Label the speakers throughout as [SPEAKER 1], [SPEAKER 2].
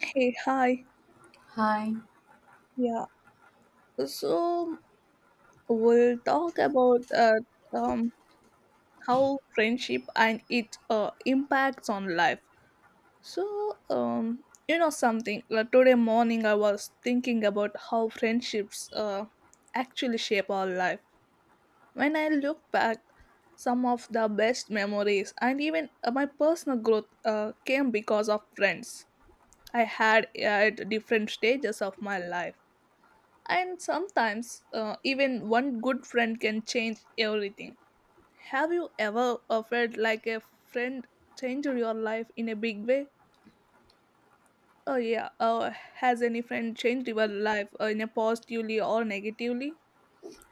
[SPEAKER 1] Hey, hi.
[SPEAKER 2] Hi.
[SPEAKER 1] Yeah. So we'll talk about um, how friendship and its impacts on life. So, something, like today morning I was thinking about how friendships actually shape our life. When I look back, some of the best memories and even my personal growth came because of friends I had at different stages of my life. And sometimes, even one good friend can change everything. Have you ever felt like a friend changed your life in a big way? Oh, yeah. Has any friend changed your life in a positively or negatively?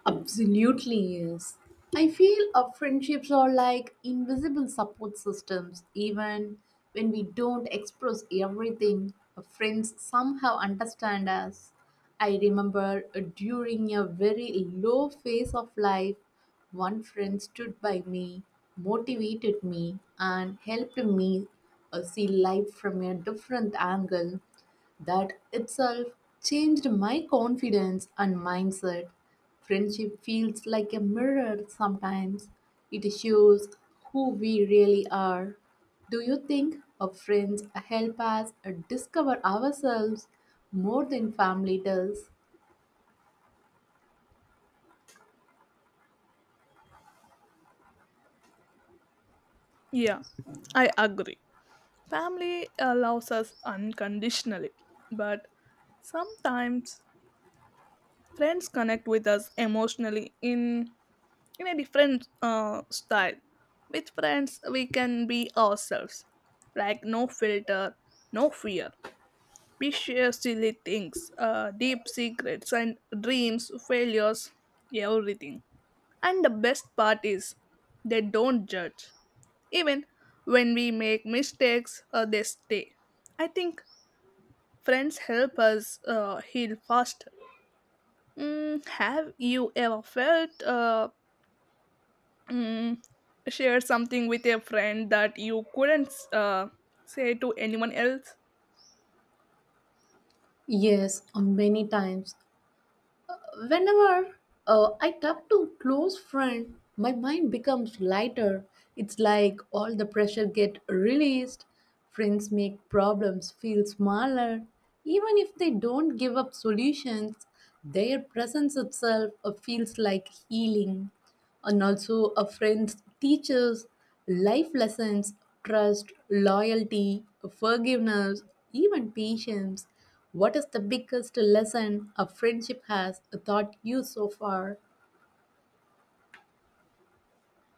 [SPEAKER 2] Absolutely, yes. I feel our friendships are like invisible support systems. Even when we don't express everything, our friends somehow understand us. I remember during a very low phase of life, one friend stood by me, motivated me, and helped me see life from a different angle. That itself changed my confidence and mindset. Friendship feels like a mirror sometimes. It shows who we really are. Do you think our friends help us discover ourselves more than family does?
[SPEAKER 1] Yeah, I agree. Family allows us unconditionally, but sometimes friends connect with us emotionally in a different style. With friends, we can be ourselves, like no filter, no fear. We share silly things, deep secrets, and dreams, failures, everything. And the best part is, they don't judge. Even when we make mistakes, they stay. I think friends help us heal faster. Have you ever felt mm, share something with a friend that you couldn't say to anyone else.
[SPEAKER 2] Yes, many times. Whenever I talk to close friend, my mind becomes lighter. It's like all the pressure get released. Friends make problems feel smaller. Even if they don't give up solutions, their presence itself feels like healing. And also a friends teaches life lessons, trust, loyalty, forgiveness, even patience. What is the biggest lesson a friendship has taught you so far?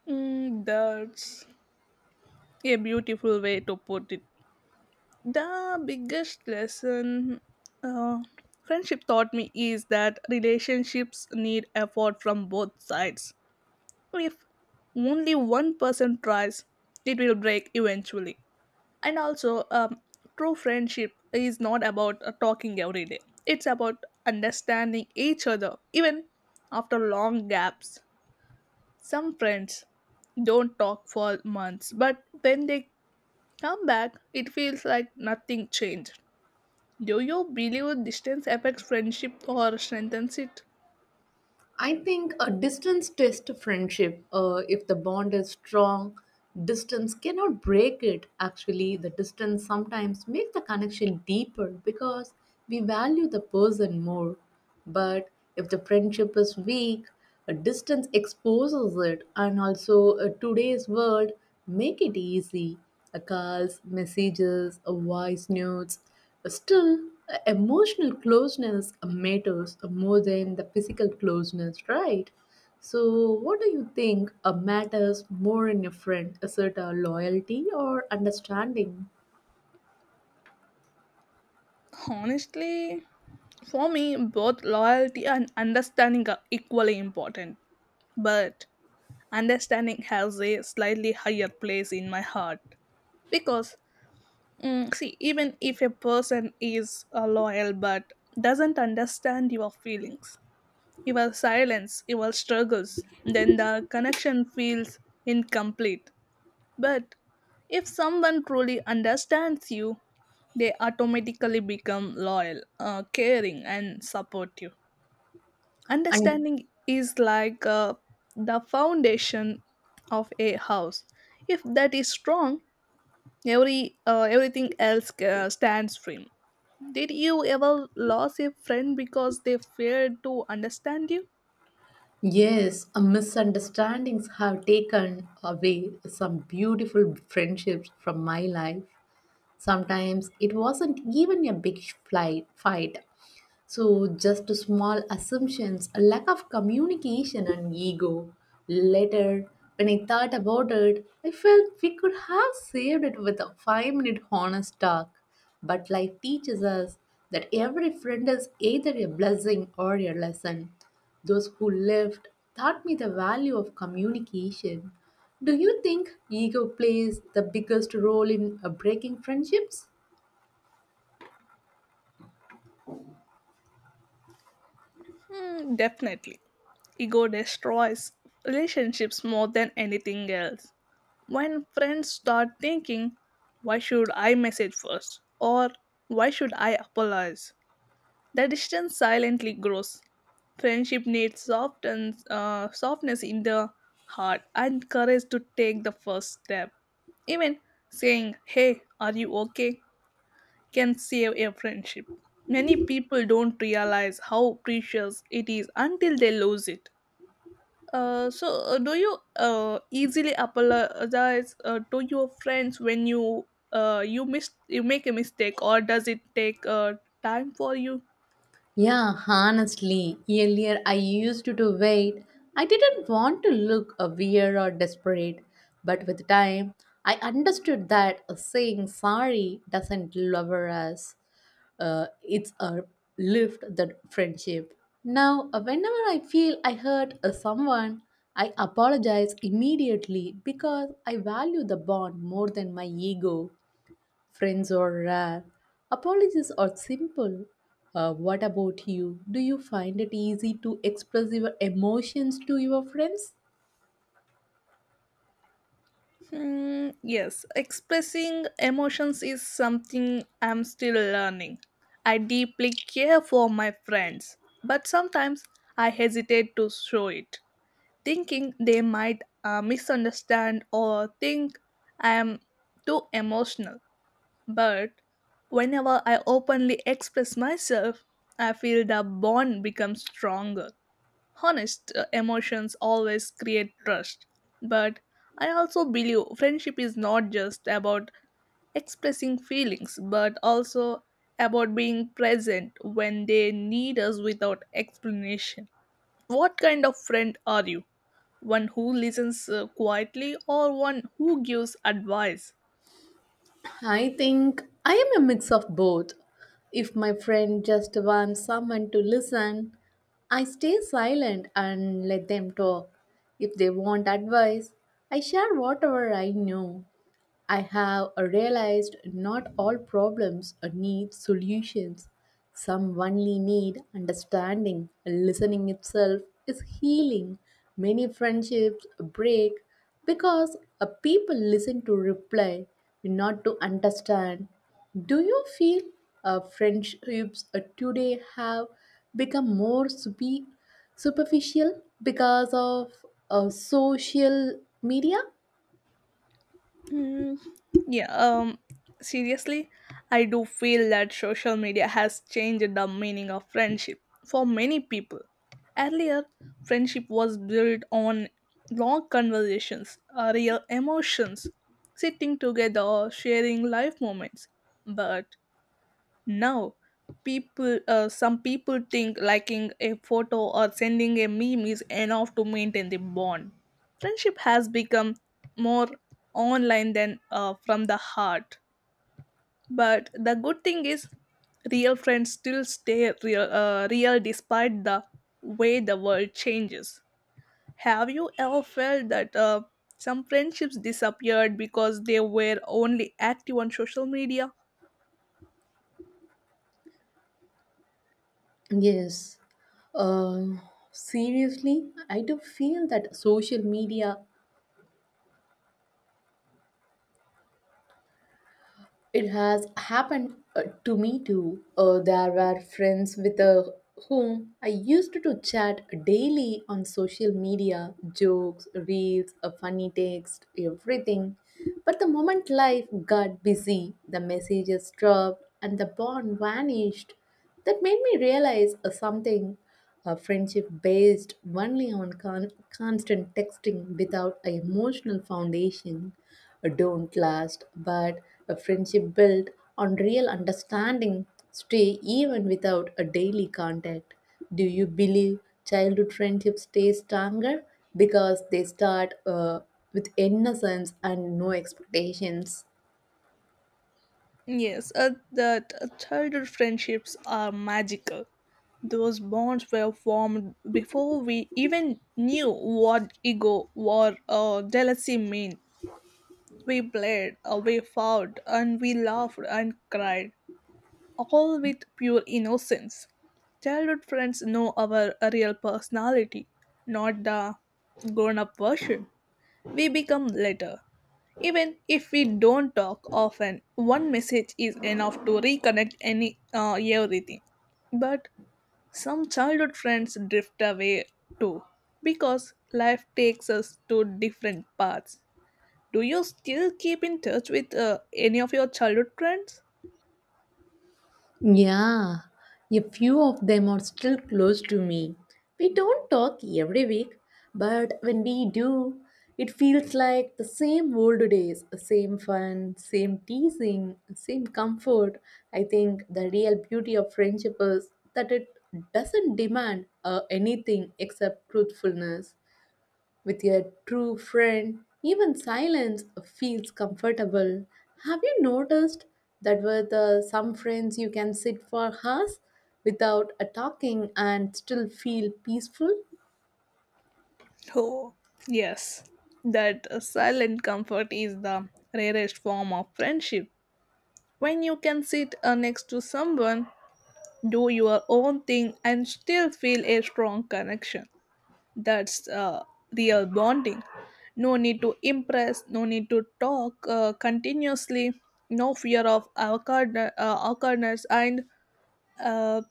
[SPEAKER 1] That's a beautiful way to put it. The biggest lesson uh, friendship taught me is that relationships need effort from both sides. If only one person tries, it will break eventually. And also true friendship is not about talking every day, it's about understanding each other even after long gaps. Some friends don't talk for months, but when they come back it feels like nothing changed. Do you believe distance affects friendship or strengthens it?
[SPEAKER 2] I think a distance test friendship. If the bond is strong, distance cannot break it. Actually, the distance sometimes makes the connection deeper because we value the person more. But if the friendship is weak, a distance exposes it, and also today's world make it easy. A calls, messages, a voice notes. Still, emotional closeness matters more than the physical closeness, right? So, what do you think matters more in a friend? Is it a loyalty or understanding?
[SPEAKER 1] Honestly, for me both loyalty and understanding are equally important, but understanding has a slightly higher place in my heart, because see, even if a person is loyal but doesn't understand your feelings, your silence, your struggles, then the connection feels incomplete. But if someone truly understands you, they automatically become loyal, caring and supportive.
[SPEAKER 2] And
[SPEAKER 1] Understanding is like the foundation of a house. If that is strong, everything else stands firm. Did you ever lose a friend because they failed to understand you?
[SPEAKER 2] yes, misunderstandings have taken away some beautiful friendships from my life. Sometimes it wasn't even a fight. So, just small assumptions, a lack of communication, and ego. Later, when I thought about it, I felt we could have saved it with a 5-minute honest talk. But life teaches us that every friend is either a blessing or a lesson. Those who left taught me the value of communication. Do you think ego plays the biggest role in breaking friendships?
[SPEAKER 1] Hmm, definitely. Ego destroys relationships more than anything else. When friends start thinking, why should I message first? Or why should I apologize? The distance silently grows. Friendship needs softness in the heart and courage to take the first step. Even saying, "Hey, are you okay?" can save a friendship. Many people don't realize how precious it is until they lose it. So, do you easily apologize to your friends when you you miss you make a mistake, or does it take time for you?
[SPEAKER 2] Yeah, honestly, earlier I used to wait. I didn't want to look a weird or desperate, but with time, I understood that saying sorry doesn't lower us. It's a lift the friendship. Now, whenever I feel I hurt someone, I apologize immediately because I value the bond more than my ego. Friends are rare. Apologies are simple. What about you? Do you find it easy to express your emotions to your friends?
[SPEAKER 1] Hmm, yes, expressing emotions is something I'm still learning. I deeply care for my friends, but sometimes I hesitate to show it, thinking they might misunderstand or think I am too emotional. But whenever I openly express myself, I feel the bond becomes stronger. Honest emotions always create trust. But I also believe friendship is not just about expressing feelings, but also about being present when they need us without explanation. What kind of friend are you? One who listens quietly, or one who gives advice?
[SPEAKER 2] I think I am a mix of both. If my friend just wants someone to listen, I stay silent and let them talk. If they want advice, I share whatever I know. I have realized not all problems need solutions. Some only need understanding. Listening itself is healing. Many friendships break because people listen to reply, not to understand. Do you feel friendships today have become more superficial because of social media?
[SPEAKER 1] Mm, yeah, um, Seriously, I do feel that social media has changed the meaning of friendship for many people. Earlier, friendship was built on long conversations, real emotions, sitting together, sharing life moments. But now, some people think liking a photo or sending a meme is enough to maintain the bond. Friendship has become more online than from the heart. But the good thing is, real friends still stay real, real despite the way the world changes. Have you ever felt that some friendships disappeared because they were only active on social media?
[SPEAKER 2] Yes. Um Seriously, I do feel that social media, it has happened to me too. There were friends with whom I used to chat daily on social media, jokes, reels, a funny text, everything. But the moment life got busy, the messages dropped and the bond vanished. That made me realize something. A friendship based only on constant texting without an emotional foundation don't last, but a friendship built on real understanding stay even without a daily contact. Do you believe childhood friendships stay stronger because they start with innocence and no expectations?
[SPEAKER 1] Yes, that childhood friendships are magical. Those bonds were formed before we even knew what ego or jealousy meant. We played, we fought, and we laughed and cried, all with pure innocence. Childhood friends know our real personality, not the grown up version we become later. Even if we don't talk often, one message is enough to reconnect any everything. But some childhood friends drift away too, because life takes us to different paths. Do you still keep in touch with any of your childhood friends?
[SPEAKER 2] Yeah, a few of them are still close to me. We don't talk every week, but when we do, it feels like the same old days, same fun, same teasing, same comfort. I think the real beauty of friendship is that it doesn't demand anything except truthfulness. With a true friend, even silence feels comfortable. Have you noticed that with some friends you can sit for hours without talking and still feel peaceful?
[SPEAKER 1] Oh, yes. That silent comfort is the rarest form of friendship. When you can sit next to someone, do your own thing, and still feel a strong connection. That's real bonding. No need to impress, no need to talk continuously, no fear of awkwardness, and uh,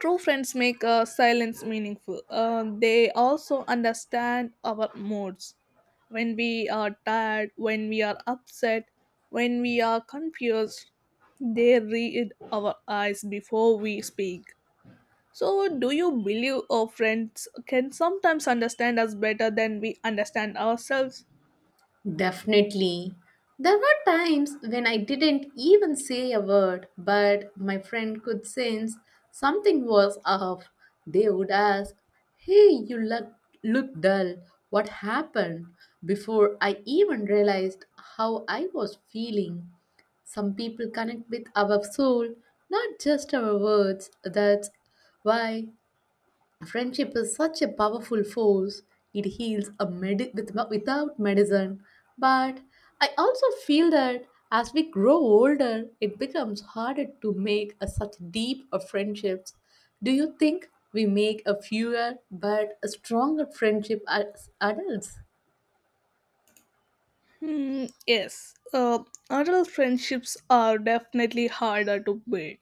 [SPEAKER 1] true friends make silence meaningful. They also understand our moods. When we are tired, when we are upset, when we are confused, they read our eyes before we speak. So, do you believe our friends can sometimes understand us better than we understand ourselves?
[SPEAKER 2] Definitely. There were times when I didn't even say a word, but my friend could sense something was off. They would ask, "Hey, you look dull. What happened?" Before I even realized how I was feeling. Some people connect with our soul, not just our words. That's why friendship is such a powerful force. It heals a with, without medicine. But I also feel that as we grow older, it becomes harder to make a, such deep of friendships. Do you think we make a fewer but a stronger friendship as adults?
[SPEAKER 1] Hmm, yes. Adult friendships are definitely harder to build.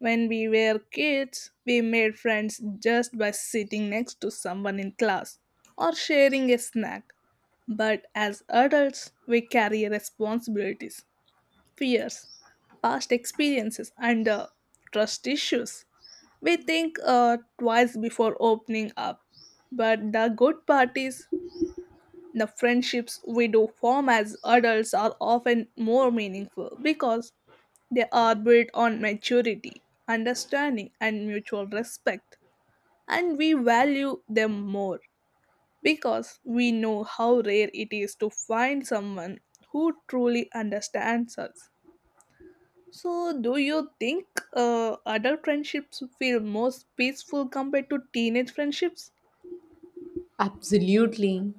[SPEAKER 1] When we were kids, we made friends just by sitting next to someone in class or sharing a snack. But as adults, we carry responsibilities, fears, past experiences, and trust issues. We think twice before opening up. But the good part is, the friendships we do form as adults are often more meaningful, because they are built on maturity, understanding, and mutual respect, and we value them more because we know how rare it is to find someone who truly understands us. So, do you think adult friendships feel more peaceful compared to teenage friendships?
[SPEAKER 2] Absolutely.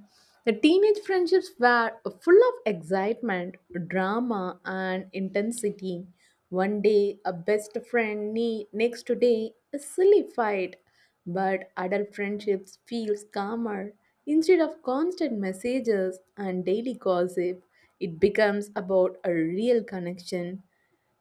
[SPEAKER 2] The teenage friendships were full of excitement, drama, and intensity. One day, a best friend, next day, a silly fight. But adult friendships feels calmer. Instead of constant messages and daily gossip, it becomes about a real connection.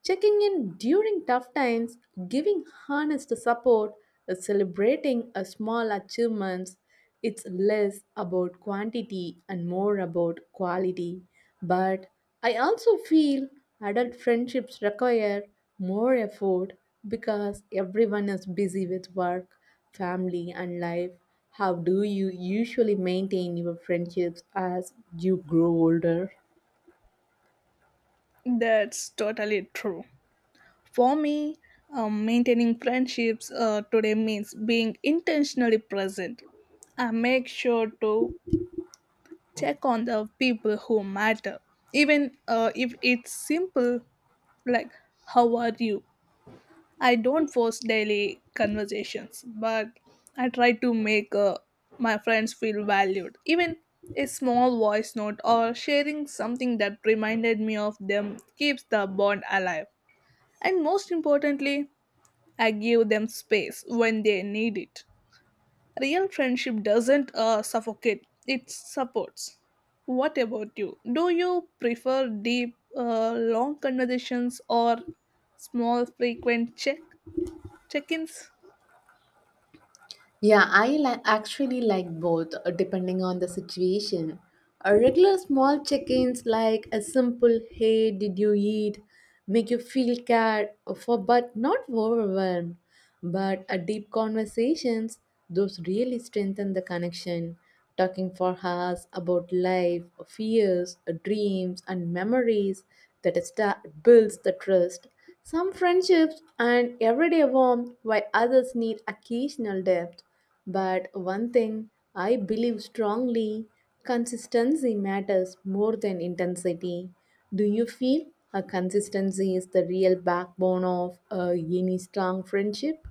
[SPEAKER 2] Checking in during tough times, giving honest support, celebrating a small achievements, it's less about quantity and more about quality. But I also feel adult friendships require more effort because everyone is busy with work, family, and life. How do you usually maintain your friendships as you grow older?
[SPEAKER 1] That's totally true. For me, maintaining friendships today means being intentionally present. I make sure to check on the people who matter, even if it's simple, like how are you. I don't force daily conversations, but I try to make my friends feel valued. Even a small voice note or sharing something that reminded me of them keeps the bond alive. And most importantly, I give them space when they need it. Real friendship doesn't suffocate, it supports. What about you? Do you prefer deep, long conversations or small, frequent check ins?
[SPEAKER 2] Yeah, I actually like both depending on the situation. A regular small check-ins like a simple "Hey, did you eat?" make you feel cared for, but not overwhelmed. But a deep conversations, those really strengthen the connection, talking for hours about life, fears, dreams, and memories that builds the trust. Some friendships and everyday warmth, while others need occasional depth. But one thing I believe strongly, consistency matters more than intensity. Do you feel a consistency is the real backbone of any strong friendship?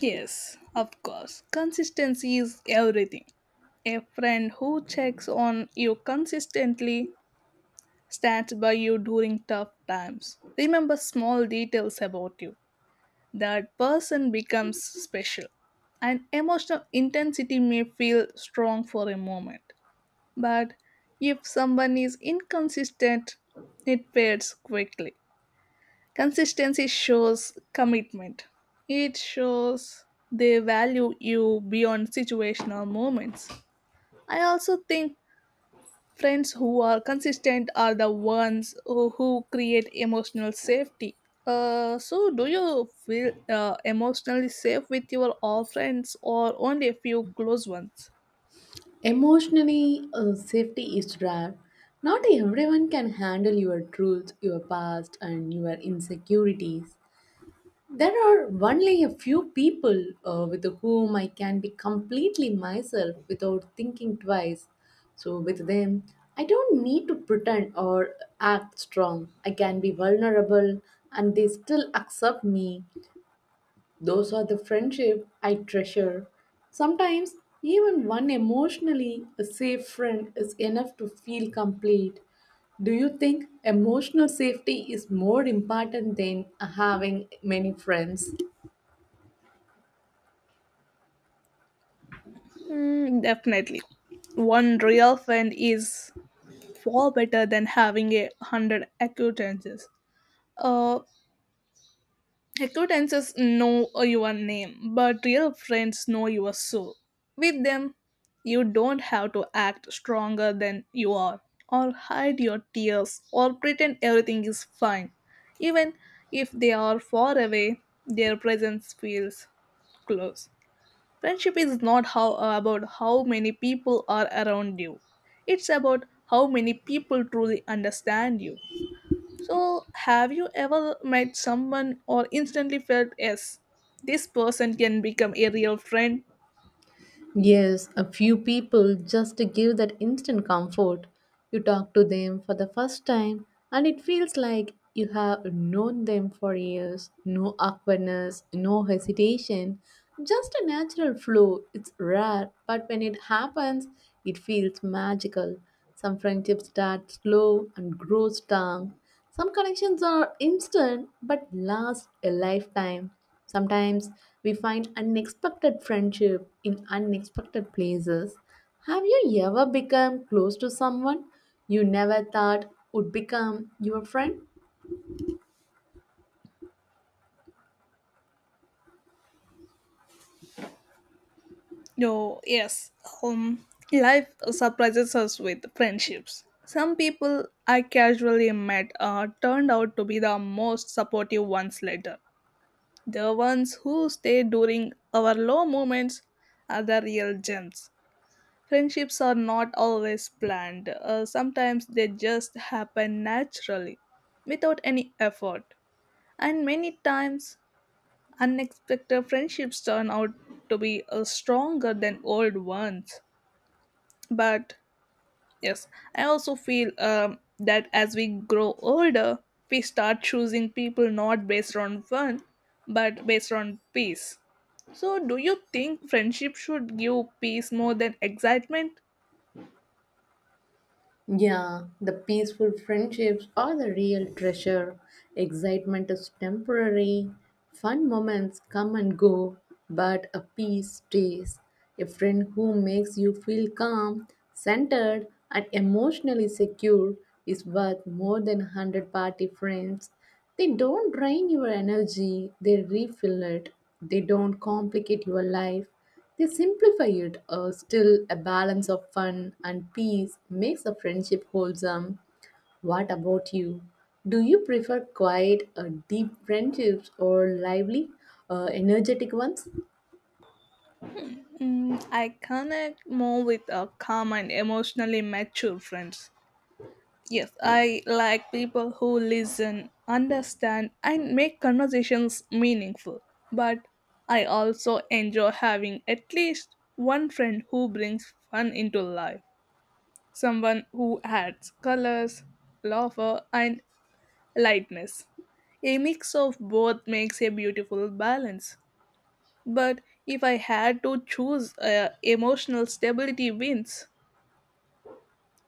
[SPEAKER 1] Yes, of course. Consistency is everything. A friend who checks on you consistently, stands by you during tough times, Remember small details about you, that person becomes special. And emotional intensity may feel strong for a moment, but if someone is inconsistent, it fades quickly. Consistency shows commitment, it shows they value you beyond situational moments. I also think friends who are consistent are the ones who create emotional safety. So, do you feel emotionally safe with your all friends or only a few close ones?
[SPEAKER 2] Emotionally, safety is rare. Not everyone can handle your truth, your past, and your insecurities. There are only a few people with whom I can be completely myself without thinking twice. So, with them, I don't need to pretend or act strong. I can be vulnerable and they still accept me. Those are the friendship I treasure. Sometimes even one emotionally safe friend is enough to feel complete. Do you think emotional safety is more important than having many friends?
[SPEAKER 1] Hmm, definitely. One real friend is far better than having a hundred acquaintances. Uh, Acquaintances know your name, but real friends know your soul. With them, you don't have to act stronger than you are, or hide your tears, or pretend everything is fine. Even if they are far away, their presence feels close. Friendship is not how about how many people are around you. It's about how many people truly understand you. So, have you ever met someone or instantly felt, yes, this person can become a real friend?
[SPEAKER 2] Yes, a few people just give that instant comfort. You talk to them for the first time, and it feels like you have known them for years. No awkwardness, no hesitation, just a natural flow. It's rare, but when it happens, it feels magical. Some friendships start slow and grow strong. Some connections are instant but last a lifetime. Sometimes we find unexpected friendship in unexpected places. Have you ever become close to someone you never thought would become your friend?
[SPEAKER 1] No, yes, life surprises us with friendships. Some people I casually met turned out to be the most supportive ones later. The ones who stay during our low moments are the real gems. Friendships are not always planned, sometimes they just happen naturally without any effort. And many times, unexpected friendships turn out to be stronger than old ones. But yes, I also feel that as we grow older, we start choosing people not based on fun but based on peace. So, do you think friendship should give peace more than excitement?
[SPEAKER 2] Yeah, the peaceful friendships are the real treasure. Excitement is temporary. Fun moments come and go, but a peace stays. A friend who makes you feel calm, centered, and emotionally secure is worth more than 100 party friends. They don't drain your energy, they refill it. They don't complicate your life. They simplify it. Still a balance of fun and peace makes a friendship wholesome. What about you? Do you prefer quiet, deep friendships or lively, energetic ones?
[SPEAKER 1] Mm, I connect more with a calm and emotionally mature friends. Yes, I like people who listen, understand, and make conversations meaningful. But I also enjoy having at least one friend who brings fun into life. Someone who adds colors, laughter, and lightness. A mix of both makes a beautiful balance. But if I had to choose, emotional stability wins.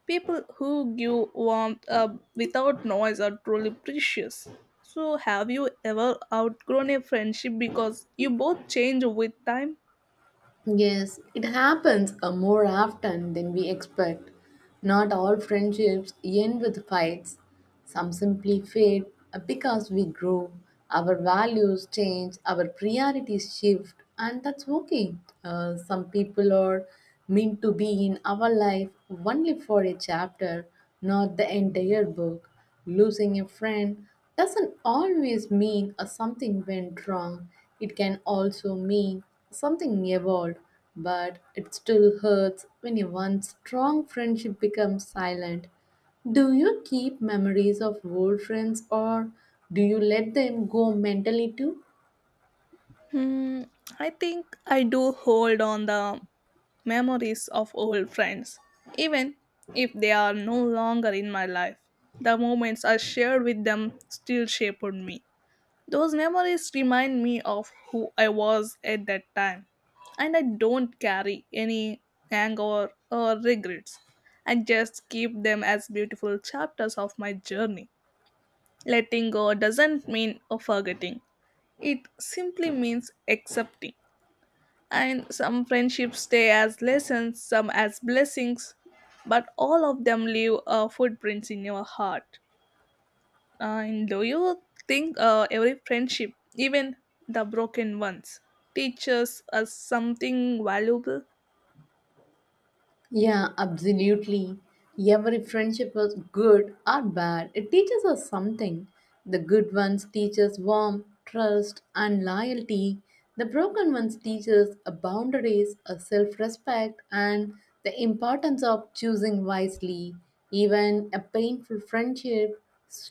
[SPEAKER 1] People who give warmth without noise are truly precious. So, have you ever outgrown a friendship because you both change with time?
[SPEAKER 2] Yes, it happens more often than we expect. Not all friendships end with fights. Some simply fade because we grow, our values change, our priorities shift, and that's okay. Some people are meant to be in our life only for a chapter, not the entire book. Losing a friend doesn't always mean something went wrong. It can also mean something evolved, but it still hurts when a once strong friendship becomes silent. Do you keep memories of old friends or do you let them go mentally too?
[SPEAKER 1] Hmm, I think I do hold on the memories of old friends, even if they are no longer in my life. The moments I shared with them still shaped me. Those memories remind me of who I was at that time, and I don't carry any anger or regrets. I just keep them as beautiful chapters of my journey. Letting go doesn't mean forgetting, it simply means accepting. And some friendships stay as lessons, some as blessings, but all of them leave footprints in your heart. And do you think every friendship, even the broken ones, teaches us something valuable?
[SPEAKER 2] Yeah, absolutely. Every friendship is good or bad. It teaches us something. The good ones teach us warmth, trust, and loyalty. The broken ones teach us a boundaries, a self-respect, and the importance of choosing wisely. Even a painful friendship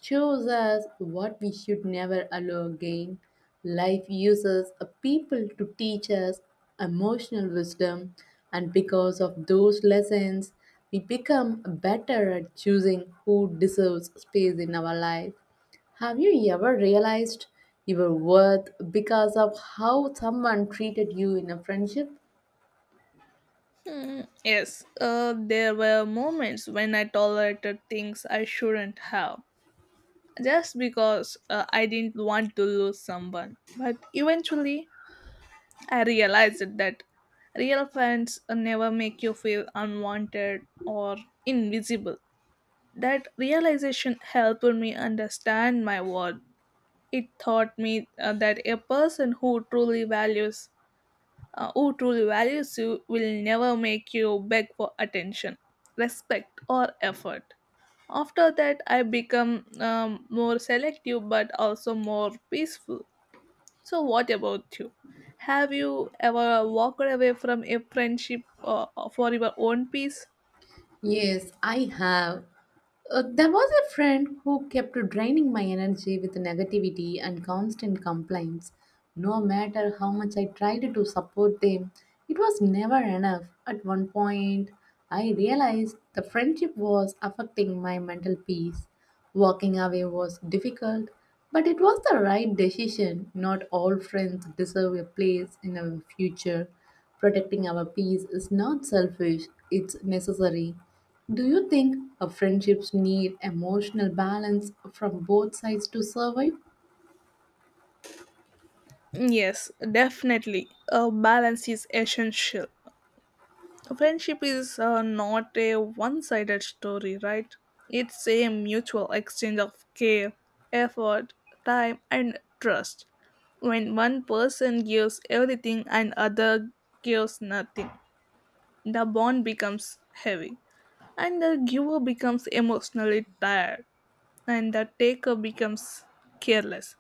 [SPEAKER 2] shows us what we should never allow again. Life uses a people to teach us emotional wisdom, and because of those lessons, we become better at choosing who deserves space in our life. Have you ever realized your worth because of how someone treated you in a friendship?
[SPEAKER 1] Hmm, yes, there were moments when I tolerated things I shouldn't have, just because I didn't want to lose someone. But eventually, I realized that real friends never make you feel unwanted or invisible. That realization helped me understand my worth. It taught me that a person who truly values you will never make you beg for attention, respect or effort. After that, I become more selective but also more peaceful. So, what about you? Have you ever walked away from a friendship for your own peace?
[SPEAKER 2] Yes, I have. There was a friend who kept draining my energy with negativity and constant complaints. No matter how much I tried to support them, it was never enough. At one point, I realized the friendship was affecting my mental peace. Walking away was difficult, but it was the right decision. Not all friends deserve a place in our future. Protecting our peace is not selfish, it's necessary. Do you think a friendships need emotional balance from both sides to survive?
[SPEAKER 1] Yes, definitely. A balance is essential. Friendship is not a one sided story, right? It's a mutual exchange of care, effort, time, and trust. When one person gives everything and other gives nothing, the bond becomes heavy, and the giver becomes emotionally tired, and the taker becomes careless.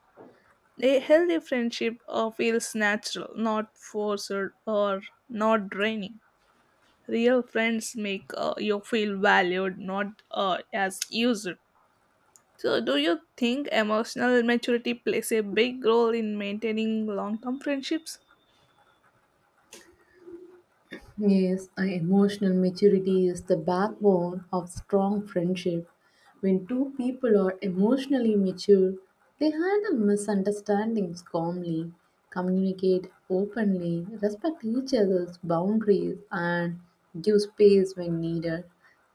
[SPEAKER 1] A healthy friendship feels natural, not forced or not draining. Real friends make you feel valued, not as used. So, do you think emotional maturity plays a big role in maintaining long term friendships?
[SPEAKER 2] Yes, emotional maturity is the backbone of strong friendship. When two people are emotionally mature, they handle misunderstandings calmly, communicate openly, respect each other's boundaries, and give space when needed.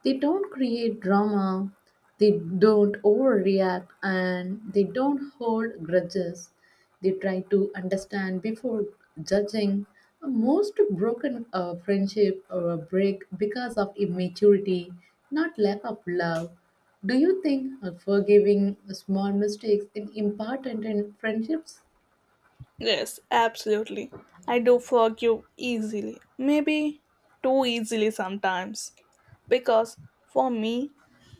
[SPEAKER 2] They don't create drama, they don't overreact, and they don't hold grudges. They try to understand before judging. A most broken friendship or a break because of immaturity, not lack of love. Do you think forgiving small mistakes is important in friendships?
[SPEAKER 1] Yes, absolutely. I do forgive easily. Maybe too easily sometimes. Because for me,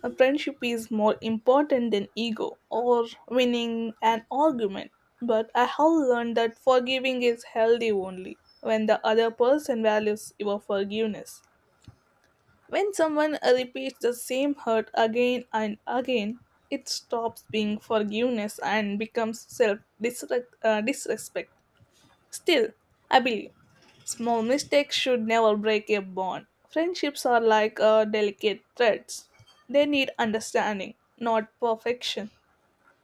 [SPEAKER 1] a friendship is more important than ego or winning an argument. But I have learned that forgiving is healthy only when the other person values your forgiveness. When someone repeats the same hurt again and again, it stops being forgiveness and becomes self disrespect. Still, I believe small mistakes should never break a bond. Friendships are like delicate threads, they need understanding, not perfection.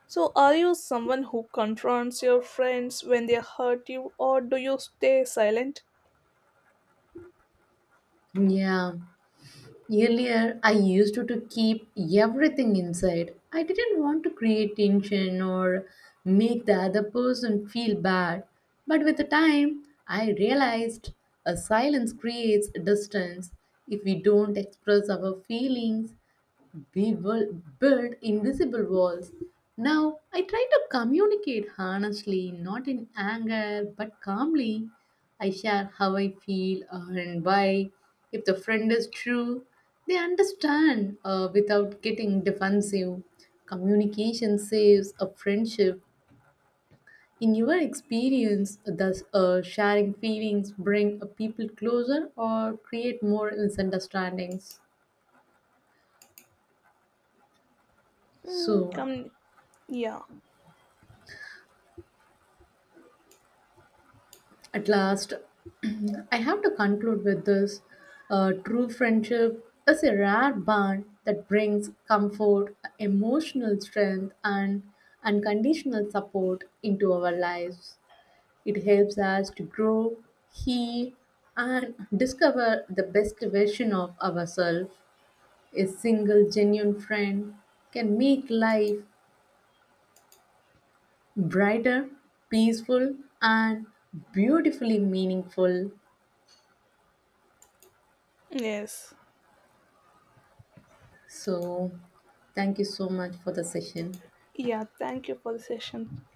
[SPEAKER 1] So, are you someone who confronts your friends when they hurt you, or do you stay silent?
[SPEAKER 2] Yeah, earlier, I used to keep everything inside. I didn't want to create tension or make the other person feel bad. But with the time, I realized a silence creates distance. If we don't express our feelings, we will build invisible walls. Now, I try to communicate honestly, not in anger, but calmly. I share how I feel and why. If the friend is true, they understand without getting defensive. Communication saves a friendship. In your experience, does sharing feelings bring people closer or create more misunderstandings?
[SPEAKER 1] Mm,
[SPEAKER 2] So,
[SPEAKER 1] Come, yeah,
[SPEAKER 2] at last, I have to conclude with this. True friendship is a rare bond that brings comfort, emotional strength, and unconditional support into our lives. It helps us to grow, heal, and discover the best version of ourselves. A single genuine friend can make life brighter, peaceful, and beautifully meaningful.
[SPEAKER 1] yes,
[SPEAKER 2] So, thank you so much for the session.
[SPEAKER 1] yeah, thank you for the session.